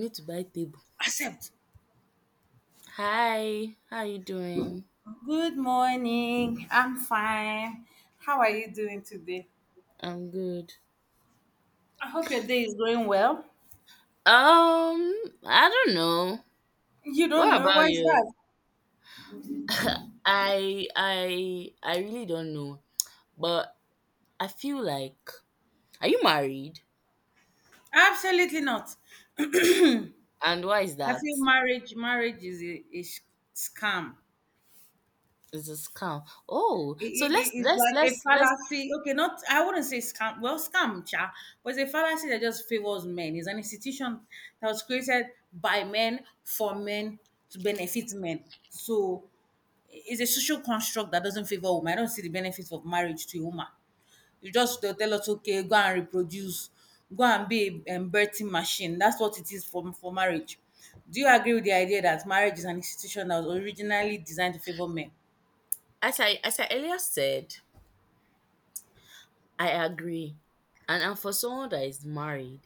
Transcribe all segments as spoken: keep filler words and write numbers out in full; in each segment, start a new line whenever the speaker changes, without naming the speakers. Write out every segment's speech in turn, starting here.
Need to buy table.
Accept.
Hi, how you doing?
Good morning. I'm fine. How are you doing today?
I'm good.
I hope your day is going well.
Um, I don't know.
You don't
What
know,
about
why is
yours?
that?
I I I really don't know. But I feel like, are you married?
Absolutely not.
And why is
I
that?
feel marriage marriage is a, a sh- scam.
It's a scam. Oh,
It,
so
it-
let's
it- it's
let's
like a
let's let's
fallacy. Okay, not I wouldn't say scam. Well, scam, cha, but it's a fallacy that just favors men. It's an institution that was created by men for men to benefit men. So it's a social construct that doesn't favor women. I don't see the benefits of marriage to a woman. You just they'll tell us, okay, go and reproduce, go and be a um, birthing machine. That's what it is for for marriage. Do you agree with the idea that marriage is an institution that was originally designed to favor men?
as I as I earlier said, I agree. And and for someone that is married,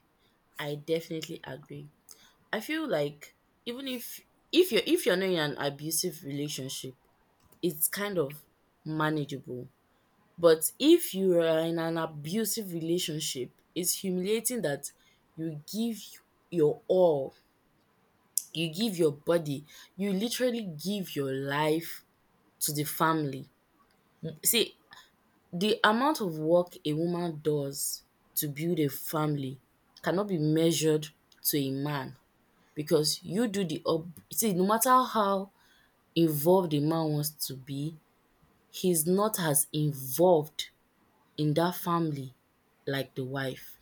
I definitely agree. I feel like, even if if you're if you're not in an abusive relationship, it's kind of manageable. But if you are in an abusive relationship, it's humiliating that you give your all, you give your body, you literally give your life to the family. Mm, See, the amount of work a woman does to build a family cannot be measured to a man because you do the up see, no matter how involved a man wants to be, he's not as involved in that family like the wife.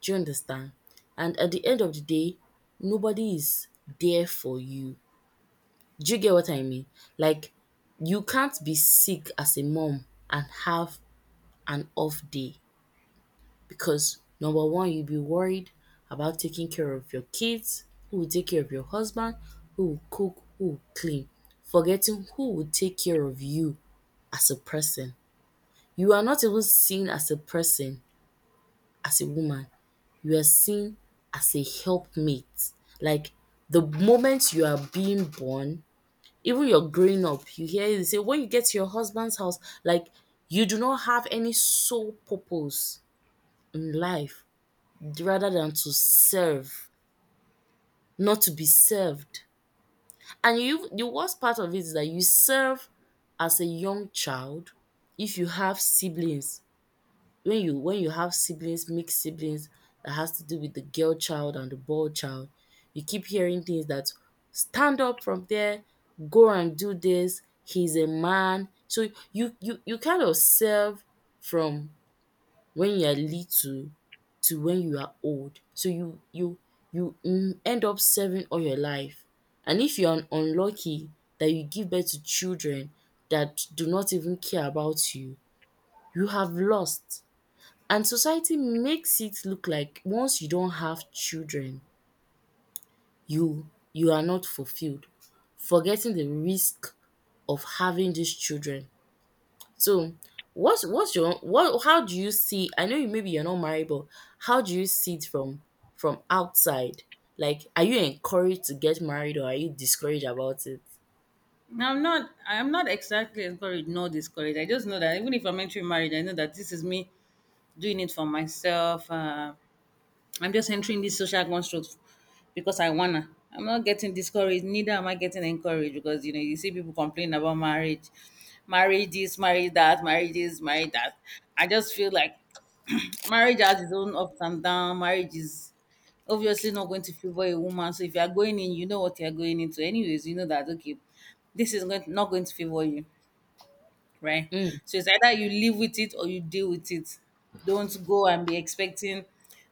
Do you understand? And at the end of the day, nobody is there for you. Do you get what I mean? Like, you can't be sick as a mom and have an off day. Because number one, you'll be worried about taking care of your kids, who will take care of your husband, who will cook, who will clean, forgetting who will take care of you as a person. You are not even seen as a person, as a woman. You are seen as a helpmate. Like, the moment you are being born, even you're growing up, you hear it say, when you get to your husband's house, like, you do not have any sole purpose in life rather than to serve, not to be served. And you, the worst part of it is that you serve as a young child if you have siblings. When you when you have siblings, mixed siblings, that has to do with the girl child and the boy child. You keep hearing things that stand up from there, go and do this. He's a man, so you you you kind of serve from when you are little to when you are old. So you you you mm, end up serving all your life. And if you are unlucky that you give birth to children that do not even care about you, you have lost. And society makes it look like once you don't have children, you you are not fulfilled, forgetting the risk of having these children. So, what's what's your what? How do you see? I know, you maybe you're not married, but how do you see it from from outside? Like, are you encouraged to get married, or are you discouraged about it?
I'm not I'm not exactly encouraged nor discouraged. I just know that even if I'm entering marriage, I know that this is me doing it for myself. Uh, I'm just entering this social construct because I wanna. I'm not getting discouraged, neither am I getting encouraged because you know you see people complain about marriage, marriage this, marriage that, marriage this, marriage that. I just feel like marriage has its own ups and downs. Marriage is obviously not going to favor a woman. So if you are going in, you know what you are going into. Anyways, you know that okay, this is going not going to favor you, right?
Mm.
So it's either you live with it or you deal with it. Don't go and be expecting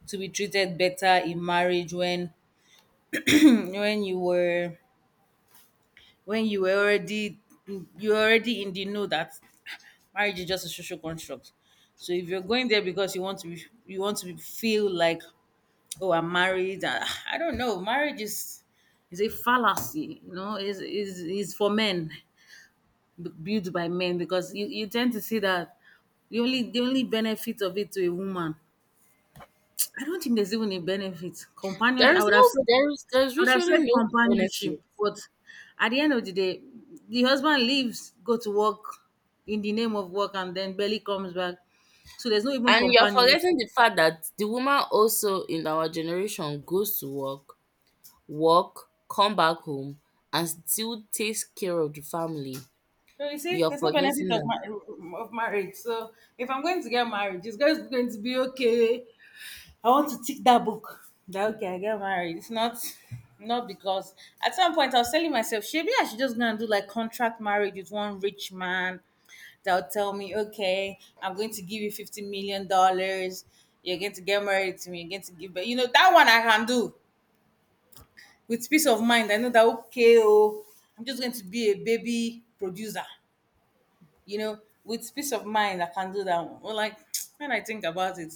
to be treated better in marriage when when you were when you were already you were already in the know that marriage is just a social construct. So if you're going there because you want to be, you want to be, feel like, oh, I'm married, ah, I don't know. Marriage is is a fallacy, you know. Is is is for men. b- built by men because you, you tend to see that the only the only benefit of it to a woman. I don't think there's even a benefit. Companion,
There
I
is
would have
no
said
there is there's
I would have
literally
said
no benefit,
companionship, but at the end of the day, the husband leaves, go to work in the name of work, and then barely comes back. So there's no even
and you're forgetting
companionship.
the fact that the woman also in our generation goes to work, work, come back home, and still takes care of the family.
So you see,
You're
there's no benefit
forgetting
of,
that
mar- of marriage. So if I'm going to get married, it's just going to be okay. I want to tick that book. That okay, I get married. It's not not because at some point I was telling myself, maybe I should just go and do like contract marriage with one rich man that'll tell me, okay, I'm going to give you fifty million dollars. You're going to get married to me. You're going to give, but you know that one I can do with peace of mind. I know that okay, oh, I'm just going to be a baby producer you know, with peace of mind, I can do that one. Or like when I think about it,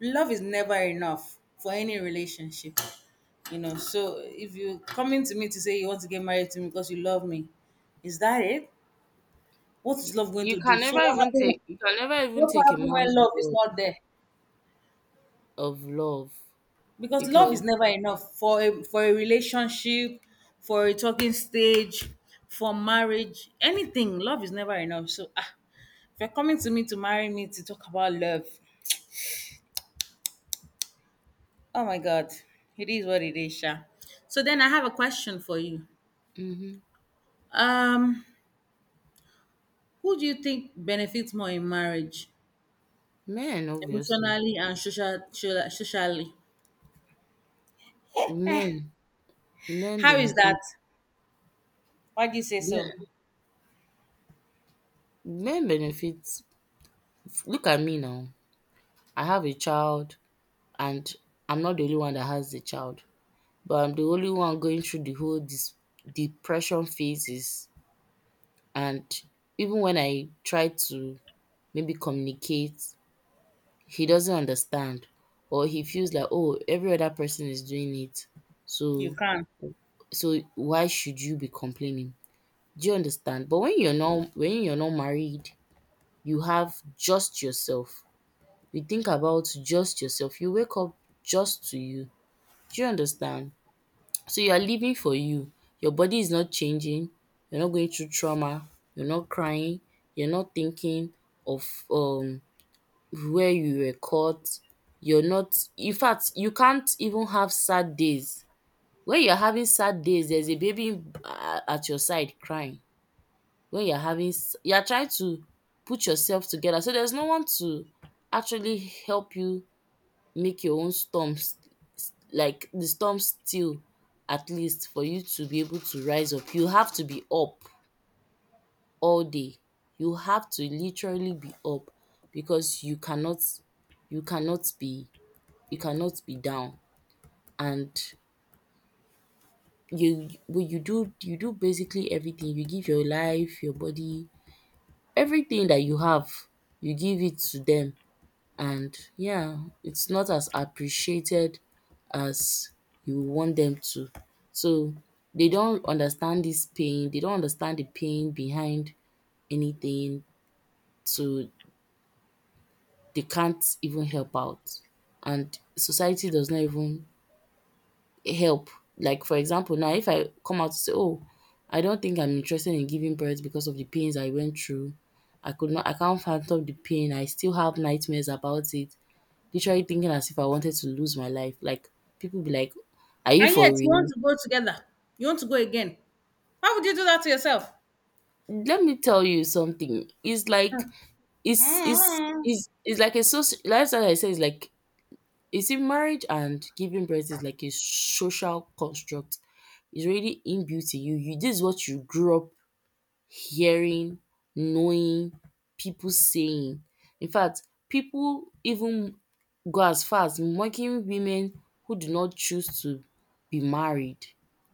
love is never enough for any relationship, you know. So if you coming to me to say you want to get married to me because you love me, is that it? What is love going
you
to do?
can
So
never
what
even
happens?
take you can never even
What
take a
happens when
man's
love is
word
not there?
of love
Because love is
because
never enough for a for a relationship, for a talking stage, for marriage, anything. Love is never enough. So, ah, if you're coming to me to marry me to talk about love, oh my God, it is what it is, Sha. So then I have a question for you.
mhm,
Um, who do you think benefits more in marriage,
men, obviously.
emotionally and social, social- socially?
Men men
How is that?
benefit,
Why do you say so?
yeah, men benefit. Look at me now, I have a child, and I'm not the only one that has the child, but I'm the only one going through the whole dis- depression phases. And even when I try to maybe communicate, he doesn't understand, or he feels like, oh, every other person is doing it,
You
so
can,
so why should you be complaining? Do you understand? But when you're not when you're not married, you have just yourself. You think about just yourself. You wake up just to you. Do you understand? So you are living for you. Your body is not changing. You're not going through trauma. You're not crying. You're not thinking of um where you were caught. You're not In fact, you can't even have sad days. When you're having sad days, there's a baby uh, at your side crying. When you're having s- You're trying to put yourself together. So there's no one to actually help you make your own storms, like, the storm still, at least, for you to be able to rise up. You have to be up all day. You have to literally be up because you cannot you cannot be you cannot be down, and you well you do you do basically everything. You give your life, your body, everything that you have, you give it to them. And yeah, it's not as appreciated as you want them to. So they don't understand this pain, they don't understand the pain behind anything. So they can't even help out. And society does not even help. Like, for example, now if I come out to say, "Oh, I don't think I'm interested in giving birth because of the pains I went through. I could not I can't fathom the pain. I still have nightmares about it." Literally thinking as if I wanted to lose my life. Like, people be like, "Are you
and yet
for
you want
real?"
to go together. You want to go again. Why would you do that to yourself?
Let me tell you something. It's like it's it's
mm
it's, it's like a social. That's what I say. It's like, is in marriage, and giving birth is like a social construct. It's really inbuilt in you. You this is what you grew up hearing, knowing, people saying. In fact, people even go as far as mocking women who do not choose to be married,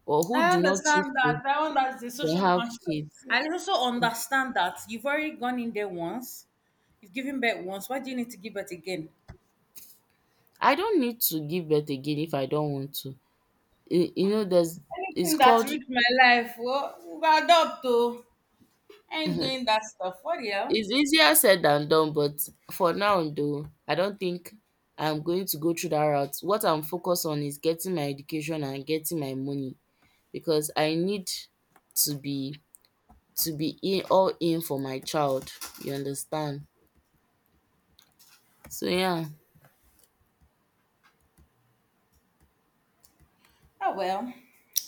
or who
I
do not choose
understand
to,
that. That one, that's the
to
social
have
construct.
kids.
I also understand that you've already gone in there once. You've given birth once. Why do you need to give birth again?
I don't need to give birth again if I don't want to. You, you know, there's it's
Anything that
called
ruined my life, well, we'll adopt to. I ain't doing that stuff. What the hell?
It's easier said than done, but for now though, I don't think I'm going to go through that route. What I'm focused on is getting my education and getting my money, because I need to be to be in all in for my child. You understand? So yeah,
Oh well.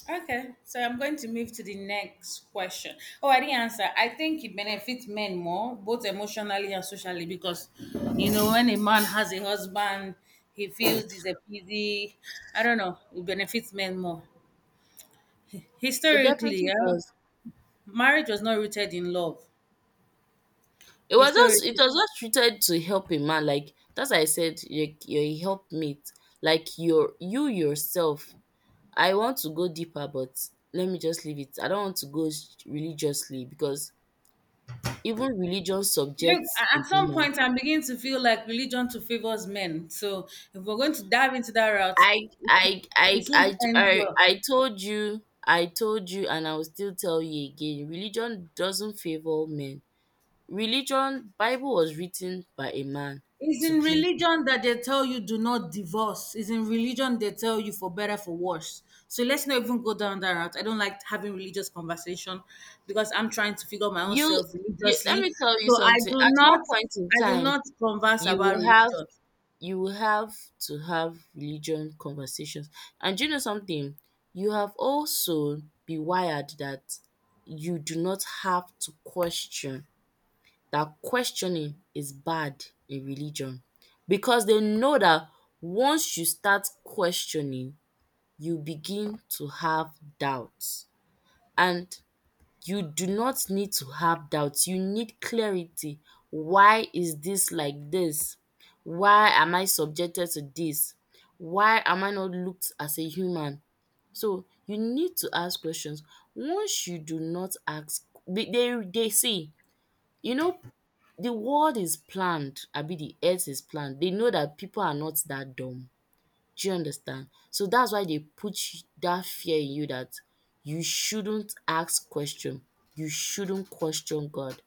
Okay, so I'm going to move to the next question. Oh, I didn't answer. I think it benefits men more, both emotionally and socially, because you know when a man has a husband, he feels he's a busy. I don't know. It benefits men more.
it
Historically,
definitely
yeah,
was.
marriage was not rooted in love.
It was just it
Historically,
was just treated to help a man. Like, that's why I said, like, you're a helpmate. Like, you're, you yourself. I want to go deeper, but let me just leave it. I don't want to go s- religiously because even religion
look,
subjects
a-
a
at some
woman.
point, I'm beginning to feel like religion to favors men. So if we're going to dive into that route,
I I I
it soon
I
ends
I
well.
I told you, I told you, and I will still tell you again. Religion doesn't favor men. Religion, Bible was written by a man
It's
to
in
please men.
religion that they tell you do not divorce. It's in religion they tell you for better for worse. So let's not even go down that route. I don't like having religious conversation because I'm trying to figure my own
You,
self
you Let
religiously.
me tell you
So I
something.
do
At
not,
one point in
I do
time,
not converse
you
about
will have
religion.
you will have to have religion conversations. And do you know something? You have also be wired that you do not have to question, that questioning is bad in religion, because they know that once you start questioning, you begin to have doubts. And you do not need to have doubts. You need clarity. Why is this like this? Why am I subjected to this? Why am I not looked as a human? So you need to ask questions. Once you do not ask, they they they see, you know, the world is planned, I mean, the earth is planned. They know that people are not that dumb. Do you understand? So that's why they put that fear in you, that you shouldn't ask question. You shouldn't question God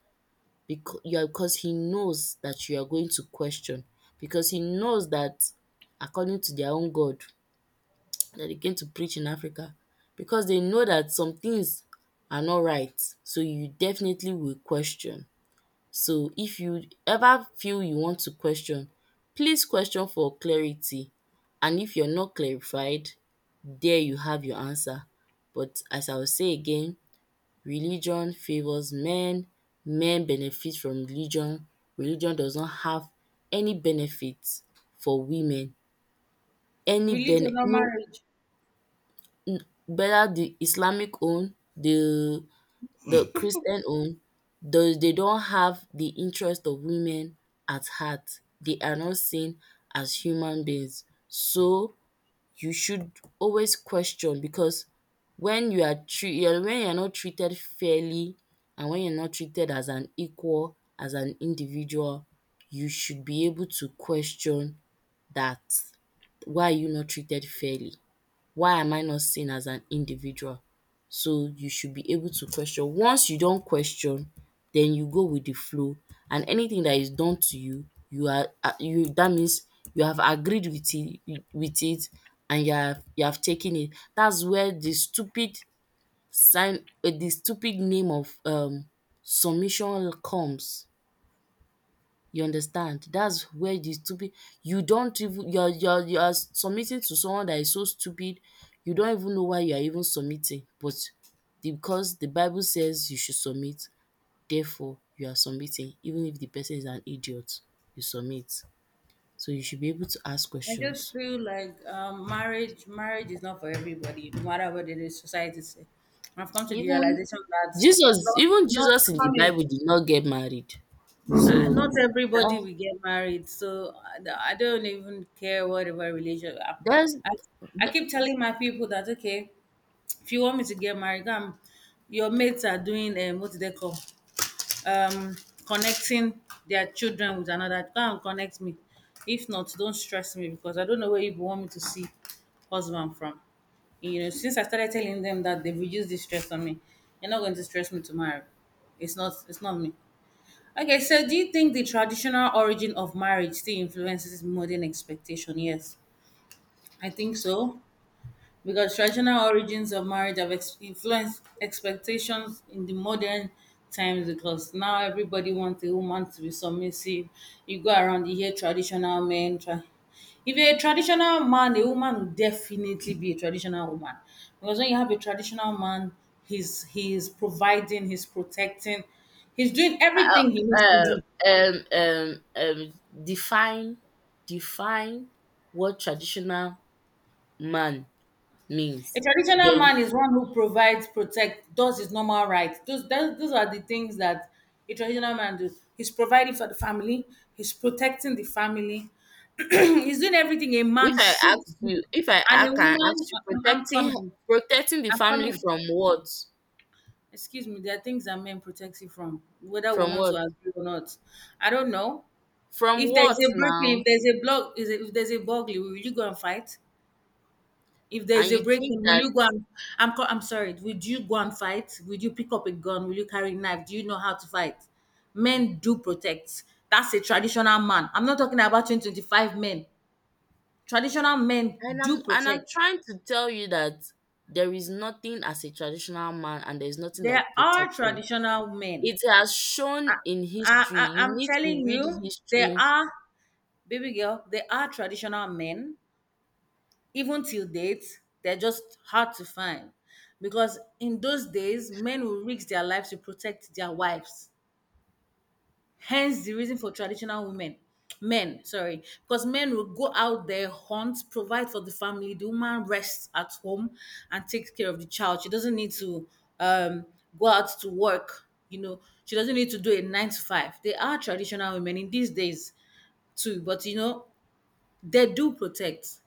because, yeah, because he knows that you are going to question, because he knows that according to their own God that they came to preach in Africa, because they know that some things are not right. So you definitely will question. So if you ever feel you want to question, please question for clarity, and if you're not clarified, there you have your answer. But as I will say again, religion favours men, men benefit from religion, religion does not have any benefit for women, any bene
Religion or
no,
marriage,
whether the Islamic own, the the Christian home, they, they don't have the interest of women at heart. They are not seen as human beings. So you should always question, because when you are treat you're when you're not treated fairly, and when you're not treated as an equal, as an individual, you should be able to question, that why are you not treated fairly? Why am I not seen as an individual? So you should be able to question. Once you don't question, then you go with the flow, and anything that is done to you, you are a- you, that means you have agreed with it with it and you have you have taken it. That's where the stupid sign um the stupid name of um submission comes. You understand? That's where the stupid, you don't even you're you're you're submitting to someone that is so stupid, you don't even know why you are even submitting, but the, because the Bible says you should submit, therefore you are submitting even if the person is an idiot, you submit. So you should be able to ask
I just
questions.
feel like, um, marriage marriage is not for everybody, no matter what it is society say. I've come to the
Even
realization that
Jesus
not
even
not
Jesus in the
I mean,
Bible did not get married.
uh,
So
not everybody
that
will get married, so I, I don't even care whatever religion. I,
that's
I I keep telling my people that okay, if you want me to get married, come. Your mates are doing, um, what do they call? um Connecting their children with another, go and connect me. If not, don't stress me because I don't know where you want me to see husband from. You know since I started telling them that, they've reduced the stress on me. You're not going to stress me to marry. It's not it's not me. Okay, so do you think the traditional origin of marriage still influences modern expectation? Yes, I think so, because traditional origins of marriage have ex- influenced expectations in the modern times, because now everybody wants a woman to be submissive. You go around, you hear traditional men try. If you're a traditional man, a woman will definitely be a traditional woman, because when you have a traditional man, he's he's providing, he's protecting, he's doing everything he needs to
um,
do.
um, um, um, define define what traditional man
A
means.
traditional
Then,
man is one who provides, protects, does his normal rights. Those, those, those are the things that a traditional man does. He's providing for the family, he's protecting the family, he's doing everything a
if
man
I
should
ask
do.
you, if I,
And
I
a
can
woman,
ask you,
I'm, I'm
protecting
coming,
protecting the
I'm
family
coming.
from what?
Excuse me, there are things that men protect you from, whether we
From
want to
what?
agree or not. I don't know.
From
If there's
what
a breaking,
now?
if there's a block, is a- if there's a burglary, will you go and fight? If there is
And
a
you think
break-in, will
that,
you go and, I'm co- I'm sorry. Would you go and fight? Would you pick up a gun? Will you carry a knife? Do you know how to fight? Men do protect. That's a traditional man. I'm not talking about twenty twenty-five men. Traditional men
and I'm
do
and I'm
protect.
trying to tell you that there is nothing as a traditional man, and there is nothing
There
like
are
protection.
traditional men.
It has shown in
I,
history.
I
You
I'm
need to
telling
read
you, there
history.
are, baby girl. There are traditional men. Even till date, they're just hard to find, because in those days, men will risk their lives to protect their wives. Hence the reason for traditional women, men, sorry, because men will go out there, hunt, provide for the family. The woman rests at home and takes care of the child. She doesn't need to, um, go out to work, you know, she doesn't need to do a nine to five. There are traditional women in these days too, but you know, they do protect.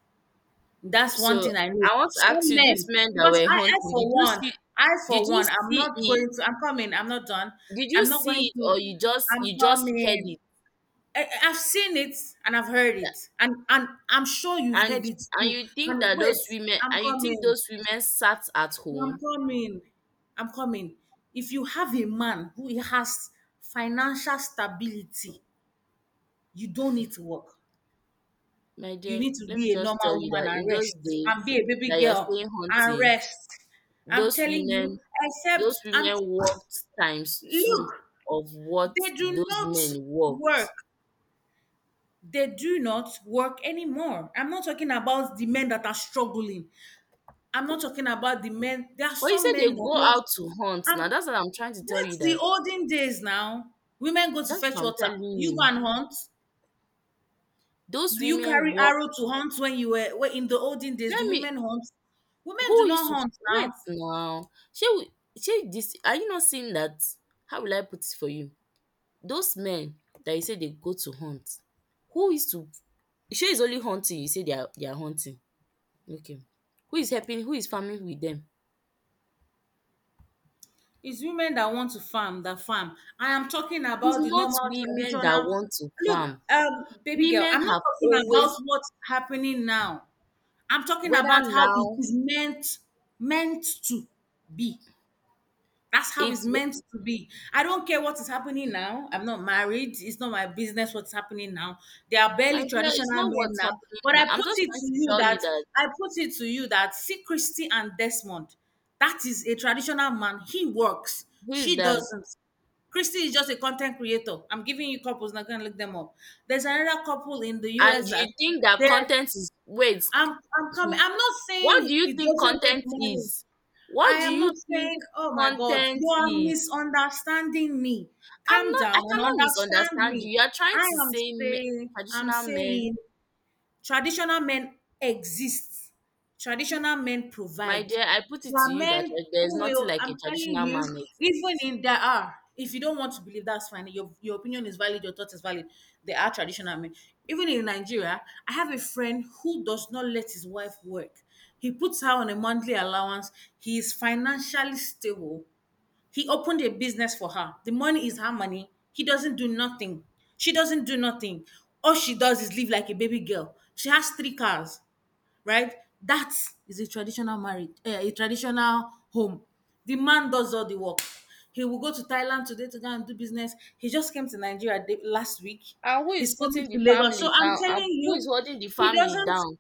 That's one
So
thing I know.
I want to ask
Some
you, these
men,
men that
because
were
I, I
hunting,
for
did you
one,
see
I
did
for
you
one, I'm
see
not
it?
going to, I'm coming, I'm not done.
Did you
I'm not
see
going
it
to,
or you just
I'm
you just heard
coming.
it?
I, I've seen it, and I've heard it, and and I'm sure you've heard
And
it
and
too.
you think
And
that
wait,
those women
I'm
and you think
coming.
those women sat at
I'm
home?
coming. I'm coming. If you have a man who has financial stability, you don't need to work.
My
You
dear,
need to
let me
be a
just tell
normal
you
woman
that
and
in those
rest, and
days
be a baby
that you're
girl
saying
and
hunting,
rest. I'm
those
telling you,
women
except
those
I'm
women worked times two
look,
of what
they do
those
not
men worked.
work. They do not work anymore. I'm not talking about the men that are struggling. I'm not talking about the men. There are
But you
some
said
men
they
that
go
want.
out to hunt. Now
Um,
that's what I'm trying to tell
that's
you
the
that
olden days now. Women go to
that's
fetch
what I'm
water.
telling
You go
you.
and hunt.
Those
Do you
women
carry
work,
arrow to hunt when you were when in the olden days? The
let me,
women hunt. Women do
who used
not
to,
hunt
wait
now.
now, shey we, shey dis, are you not seeing that how will I put it for you? Those men that you say they go to hunt, who is to, shey it's only hunting you say they are they are hunting? Okay. Who is helping who is farming with them?
It's women that want to farm that farm. I am talking
It's
about the
not
normal
women that
traditional.
want to
Look,
farm.
um, baby girl,
Women
I'm not
have
talking about
always,
what's happening now. I'm talking
whether
about how it
now
is meant meant to be. That's how it's
it's,
meant to be. I don't care what is happening now. I'm not married. It's not my business what's happening now. They are
my
barely
dear, it's
traditional
not
men
what's
now.
happening
But
now.
I put
I'm just
it
trying
to
to
you
tell you
that
that.
I put it to you that see Christy and Desmond. That is a traditional man. He works.
Who is
She
that?
doesn't. Christy is just a content creator. I'm giving you couples now. Go and look them up. There's another couple in the
And
U S
you
that
think
they
that
are
content is, wait,
I'm I'm
hmm,
coming. I'm not
what do
saying
you
it
think
doesn't make
content
money.
is?
I
What do
am not
you think
saying, oh my God,
content
you are
is?
misunderstanding me.
I'm
Calm
not
down
I
and
cannot
understand
misunderstand
me.
you. You are trying
I
to
am
say me,
saying, I'm
traditional men.
saying traditional men exist. Traditional men
My
provide.
dear, I put it
There
to
are
you that,
men
like, there is
who
nothing
will,
like a
I'm telling
traditional
you,
man
even
exists.
in there are, if you don't want to believe, that's fine. Your, your opinion is valid, your thought is valid. There are traditional men. Even in Nigeria, I have a friend who does not let his wife work. He puts her on a monthly allowance. He is financially stable, he opened a business for her. The money is her money. He doesn't do nothing. She doesn't do nothing. All she does is live like a baby girl. She has three cars, right? That is a traditional marriage, eh, a traditional home. The man does all the work. He will go to Thailand today to go and do business. He just came to Nigeria the- last week.
And who is
He's coming
putting
to
the
Lagos.
family
So I'm
down? And
telling
who is
you,
holding the
he
family
doesn't.
down?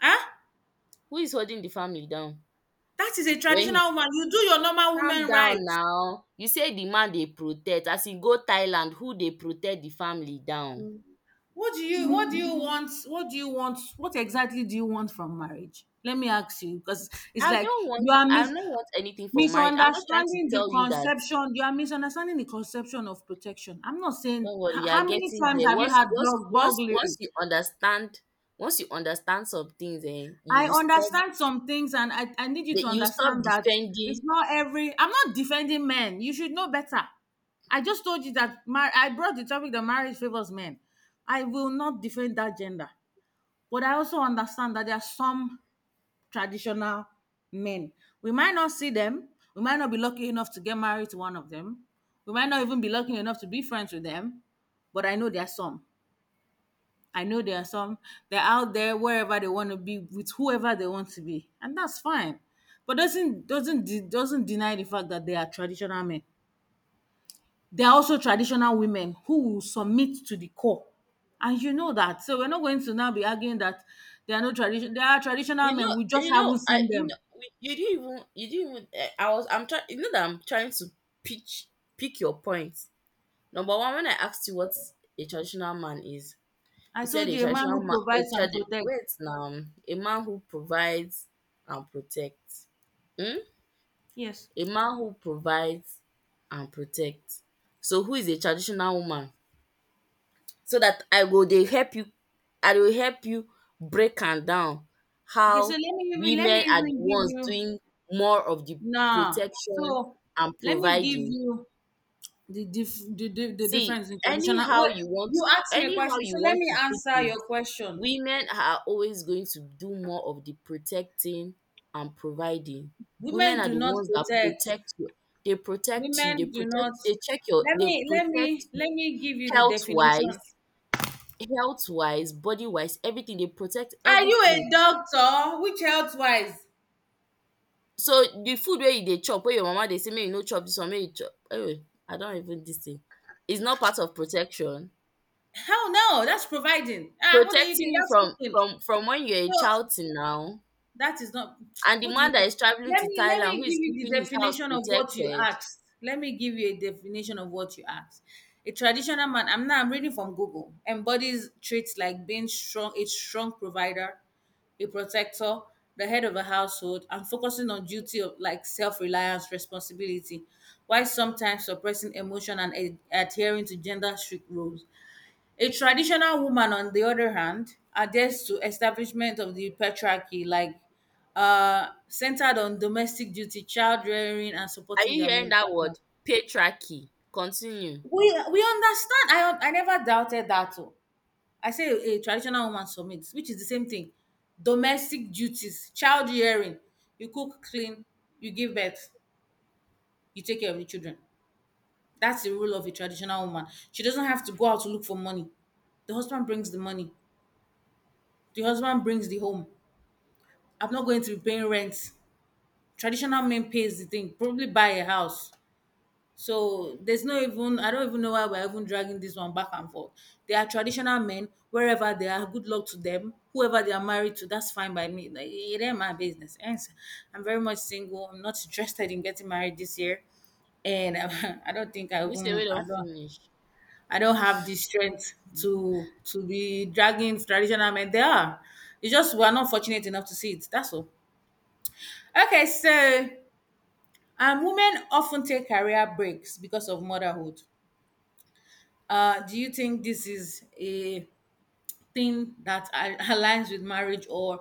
Huh?
Who is holding the family down?
That is a
When he,
traditional woman. You do your normal
calm
women right.
down now, you say the man dey protect. As he go Thailand, who they protect the family down?
What do you what do you want? What do you want? What exactly do you want from marriage? Let me ask you because it's
I
like
don't
you
want
are
I
mis-
don't want anything for marriage. I'm just trying to
misunderstanding the
tell you that,
conception. You are misunderstanding the conception of protection. I'm not saying h-
don't worry, you are
How many
getting
times
there.
have you
Once
had
once
blog
once once
burglary?
you understand, once you understand some things, eh,
I
you will stop,
understand some things, and I, I need you
that
to
you stop
understand that it's
defending.
not every. I'm not defending men. You should know better. I just told you that mar- I brought the topic that marriage favors men. I will not defend that gender. But I also understand that there are some traditional men. We might not see them. We might not be lucky enough to get married to one of them. We might not even be lucky enough to be friends with them. But I know there are some. I know there are some. They're out there wherever they want to be with whoever they want to be, and that's fine. But doesn't doesn't de- doesn't deny the fact that they are traditional men. There are also traditional women who will submit to the core, and you know that. So we're not going to now be arguing that there are no tradition. There are traditional
You
men.
know,
We just
you know,
haven't
I
seen
you know
them.
we- you didn't even, you didn't even eh, I was I'm trying you know that I'm trying to pitch pick your points. Number one, when I asked you what a traditional man is,
I
you said,
told
a
you, a man
traditional
who
man a
provides and
trad-
protects.
wait now a man who provides and protects. Hmm?
Yes.
A man who provides and protects. So who is a traditional woman? So dat I go dey help you I go help you break am down how
Okay. So let me even let me
women are the
even give
ones
you
doing more of the
nah.
protection
So
and
let me give
providing.
you the dif- the, the, the
See,
difference in traditional.
anyhow
Well,
you want,
you asked me a
anyhow
question, so
you
let
want
me
to put
answer
it,
your question.
women are always going to do more of the protecting and providing. Women
Women
are
do
the
not
ones that
protect.
protect you. They protect you.
Women
They
do not
protect. They check your.
let
They
me let me
protect you
let me give you the
health
definition.
wise, health wise, body wise, everything. They protect
Are you a
everything.
doctor? Which health wise?
So the food where you dey chop, where your mama dey say make you no chop this one, make you chop. Anyway, I don't even this thing. It's not part of protection.
Hell no, that's providing. Ah, what are you
Protecting
doing?
you
That's
from
cooking.
from from when you're a child
So
till now.
that is not
And the
what do you
man
call
that is traveling
let
to
me let
Thailand,
me
who
give
is
you
keeping
the
his house
definition of what you
protected?
asked. Let me give you a definition of what you asked. A traditional man, I'm now I'm reading from Google, embodies traits like being strong, a strong provider, a protector, the head of a household, and focusing on duty of like self-reliance, responsibility, while sometimes suppressing emotion and ad- adhering to gender strict roles. A traditional woman, on the other hand, adheres to establishment of the patriarchy, like uh, centered on domestic duty, child rearing, and
Are
supporting
you
their
hearing
male
that
partner.
word patriarchy? Continue.
We we understand. I I never doubted that. Oh. I say a traditional woman submits, which is the same thing. Domestic duties, child rearing. You cook, clean, you give birth, you take care of the children. That's the role of a traditional woman. She doesn't have to go out to look for money. The husband brings the money. The husband brings the home. I'm not going to be paying rent. Traditional man pays the thing, probably buy a house. So there's no even I don't even know why we're even dragging this one back and forth. They are traditional men, wherever they are, good luck to them. Whoever they are married to, that's fine by me. Like, it ain't my business. And I'm very much single. I'm not interested in getting married this year. And I don't think I
This way we
even I
don't
don't
finish.
I don't have the strength to to be dragging traditional men. They are. It's just we're not fortunate enough to see it. That's all. Okay, so and women often take career breaks because of motherhood. Uh, do you think this is a thing that a- aligns with marriage, or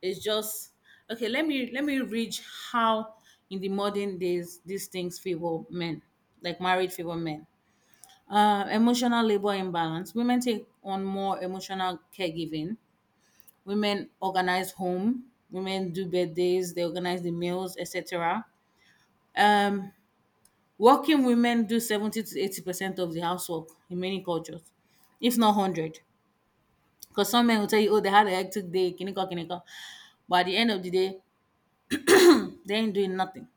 it's just okay? Let me let me read how in the modern days these things favor men, like marriage favor men. Uh, emotional labor imbalance. Women take on more emotional caregiving. Women organize home. Women do birthdays. They organize the meals, et cetera. Um, Working women do seventy to eighty percent of the housework in many cultures, if not a hundred. Because some men will tell you, oh, they had a hectic day, kiniko, kiniko. But at the end of the day, they ain't doing nothing.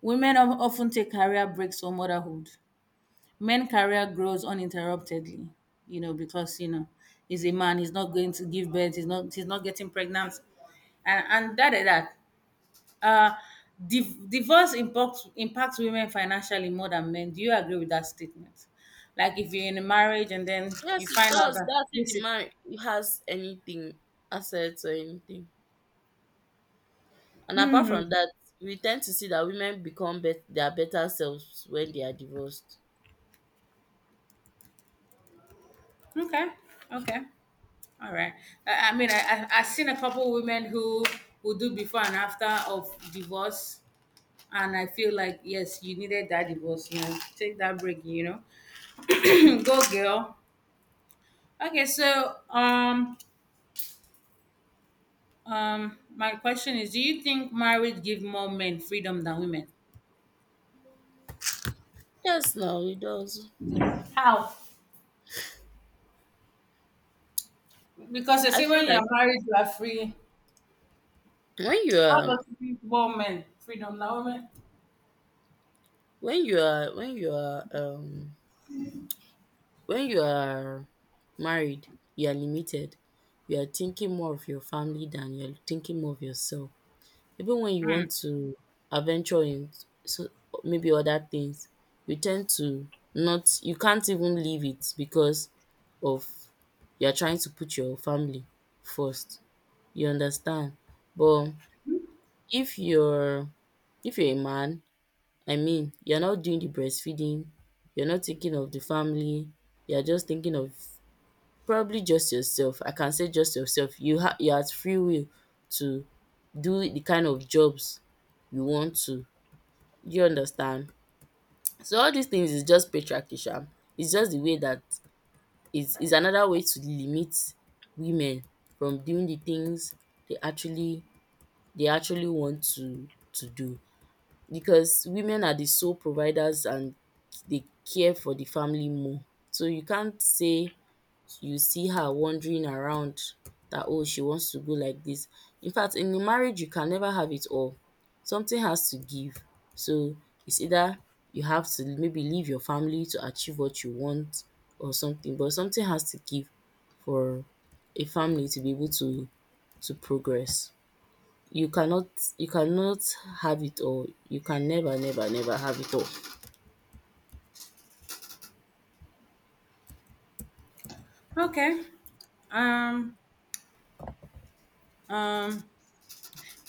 Women of- often take career breaks for motherhood. Men career grows uninterruptedly, you know, because, you know, he's a man, he's not going to give birth, he's not he's not getting pregnant. And and that and that. Uh, div- Divorce impacts impacts women financially more than men. Do you agree with that statement? Like if you're in a marriage and then
Yes,
you
it
find out
does.
that
That's if
this
the
is
man has anything, assets or anything. And apart from that, we tend to see that women become bet- their better selves when they are divorced.
okay, okay, all right. I, I mean, I, I I've seen a couple women who who do before and after of divorce, and I feel like yes, you needed that divorce. You know, take that break. You know, go girl. Okay, so um um, my question is: do you think marriage give more men freedom than women?
Yes, now it does.
How? Because they
I
say
feel
when you are
like
married, you are free.
when you
How
are
does it give women freedom now? Women?
when you are when you are um When you are married, you are limited. You are thinking more of your family than you're thinking more of yourself. Even when you want to adventure in, so maybe other things, you tend to, not, you can't even leave it, because of, you're trying to put your family first. You understand? But if you're if you're a man, I mean you're not doing the breastfeeding, you're not thinking of the family, you're just thinking of probably just yourself. I can say just yourself. You have you have free will to do the kind of jobs you want to. Do you understand? So all these things is just patriarchy sha. It's just the way that is is another way to limit women from doing the things they actually they actually want to to do, because women are the sole providers and they care for the family more. So you can't say you see her wandering around, that, oh, she wants to go like this. In fact, in a marriage you can never have it all. Something has to give. So it's either you have to maybe leave your family to achieve what you want, or something, but something has to give for a family to be able to to progress. You cannot you cannot have it all. You can never, never, never have it all.
Okay. Um, um,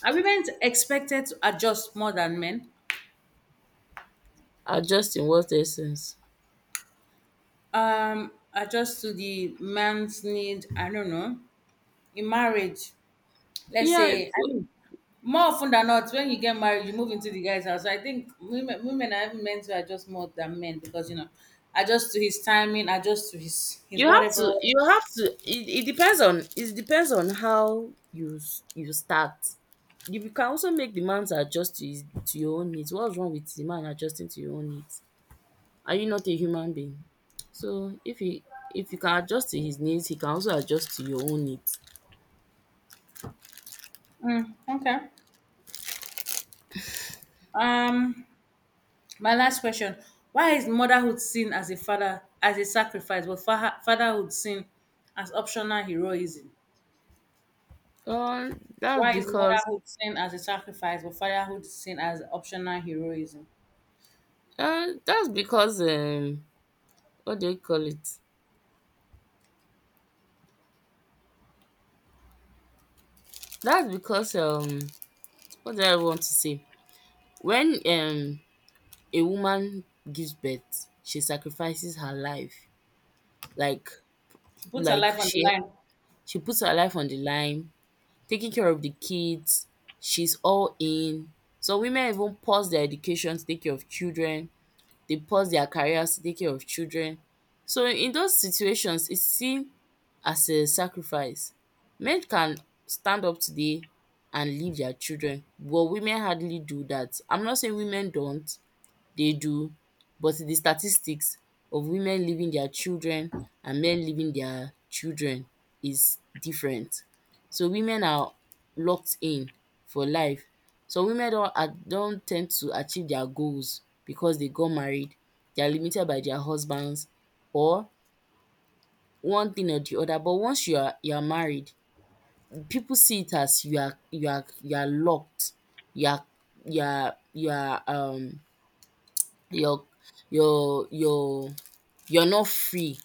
are women expected to adjust more than men?
Adjust in what essence?
Um, adjust to the man's need, I don't know. In marriage, let's
Yeah.
say, I mean, more often than not, when you get married, you move into the guy's house. So I think women, women are even meant to adjust more than men because, you know, adjust to his timing, adjust to his, his
You have
whatever.
to you have to it, it depends on, it depends on how you s- you start. You be- can also make the man to adjust to his to your own needs. What's wrong with the man adjusting to your own needs? Are you not a human being? So if he, if you can adjust to his needs, he can also adjust to your own needs.
Mm, okay. Um, My last question, why is motherhood seen as a father as a sacrifice, but fa- fatherhood seen as optional heroism?
Um, that's
Why is
because
motherhood seen as a sacrifice, but fatherhood seen as optional heroism?
uh, that's because um, what do you call it? That's because um, what do I want to say? When um, a woman gives birth, she sacrifices her life. Like
She puts her
like
life on the
she
line.
she puts her life on the line, taking care of the kids. She's all in. So women even pause their education to take care of children. They pause their careers to take care of children. So in those situations, it's seen as a sacrifice. Men can stand up today and leave their children, but women hardly do that. I'm not saying women don't, dey do, but di statistics of women leaving dia children and men leaving dia children is different. So women are locked in for life. Some women don a- don ten d to achieve dia goals because dey got married, dey are limited by dia husbands or one thing or di other. But once you are you are married, pipu see it as you are you are you are locked, you are you are you are um your your your you're not free.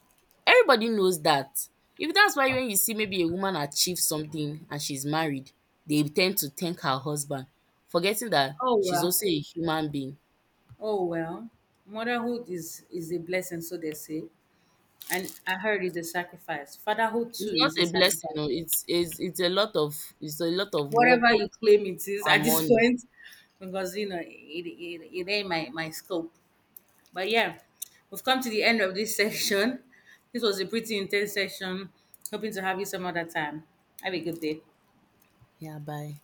Everybody knows that. If that's why when you see maybe a woman achieve something and she's married, they tend to thank her husband, forgetting that
Oh
she's
well.
also a human being.
Oh well. Motherhood is is a blessing, so they say. And I heard it's a sacrifice. Fatherhood
It's
too
not
is a
a blessing,
sacrifice.
no. It's it's it's a lot of it's a lot of work
Whatever you claim it is at
and
this
money.
point, because you know it, it, it ain't my, my scope. But yeah, we've come to the end of this section. This was a pretty intense session. Hoping to have you some other time. Have a good day.
Yeah, bye.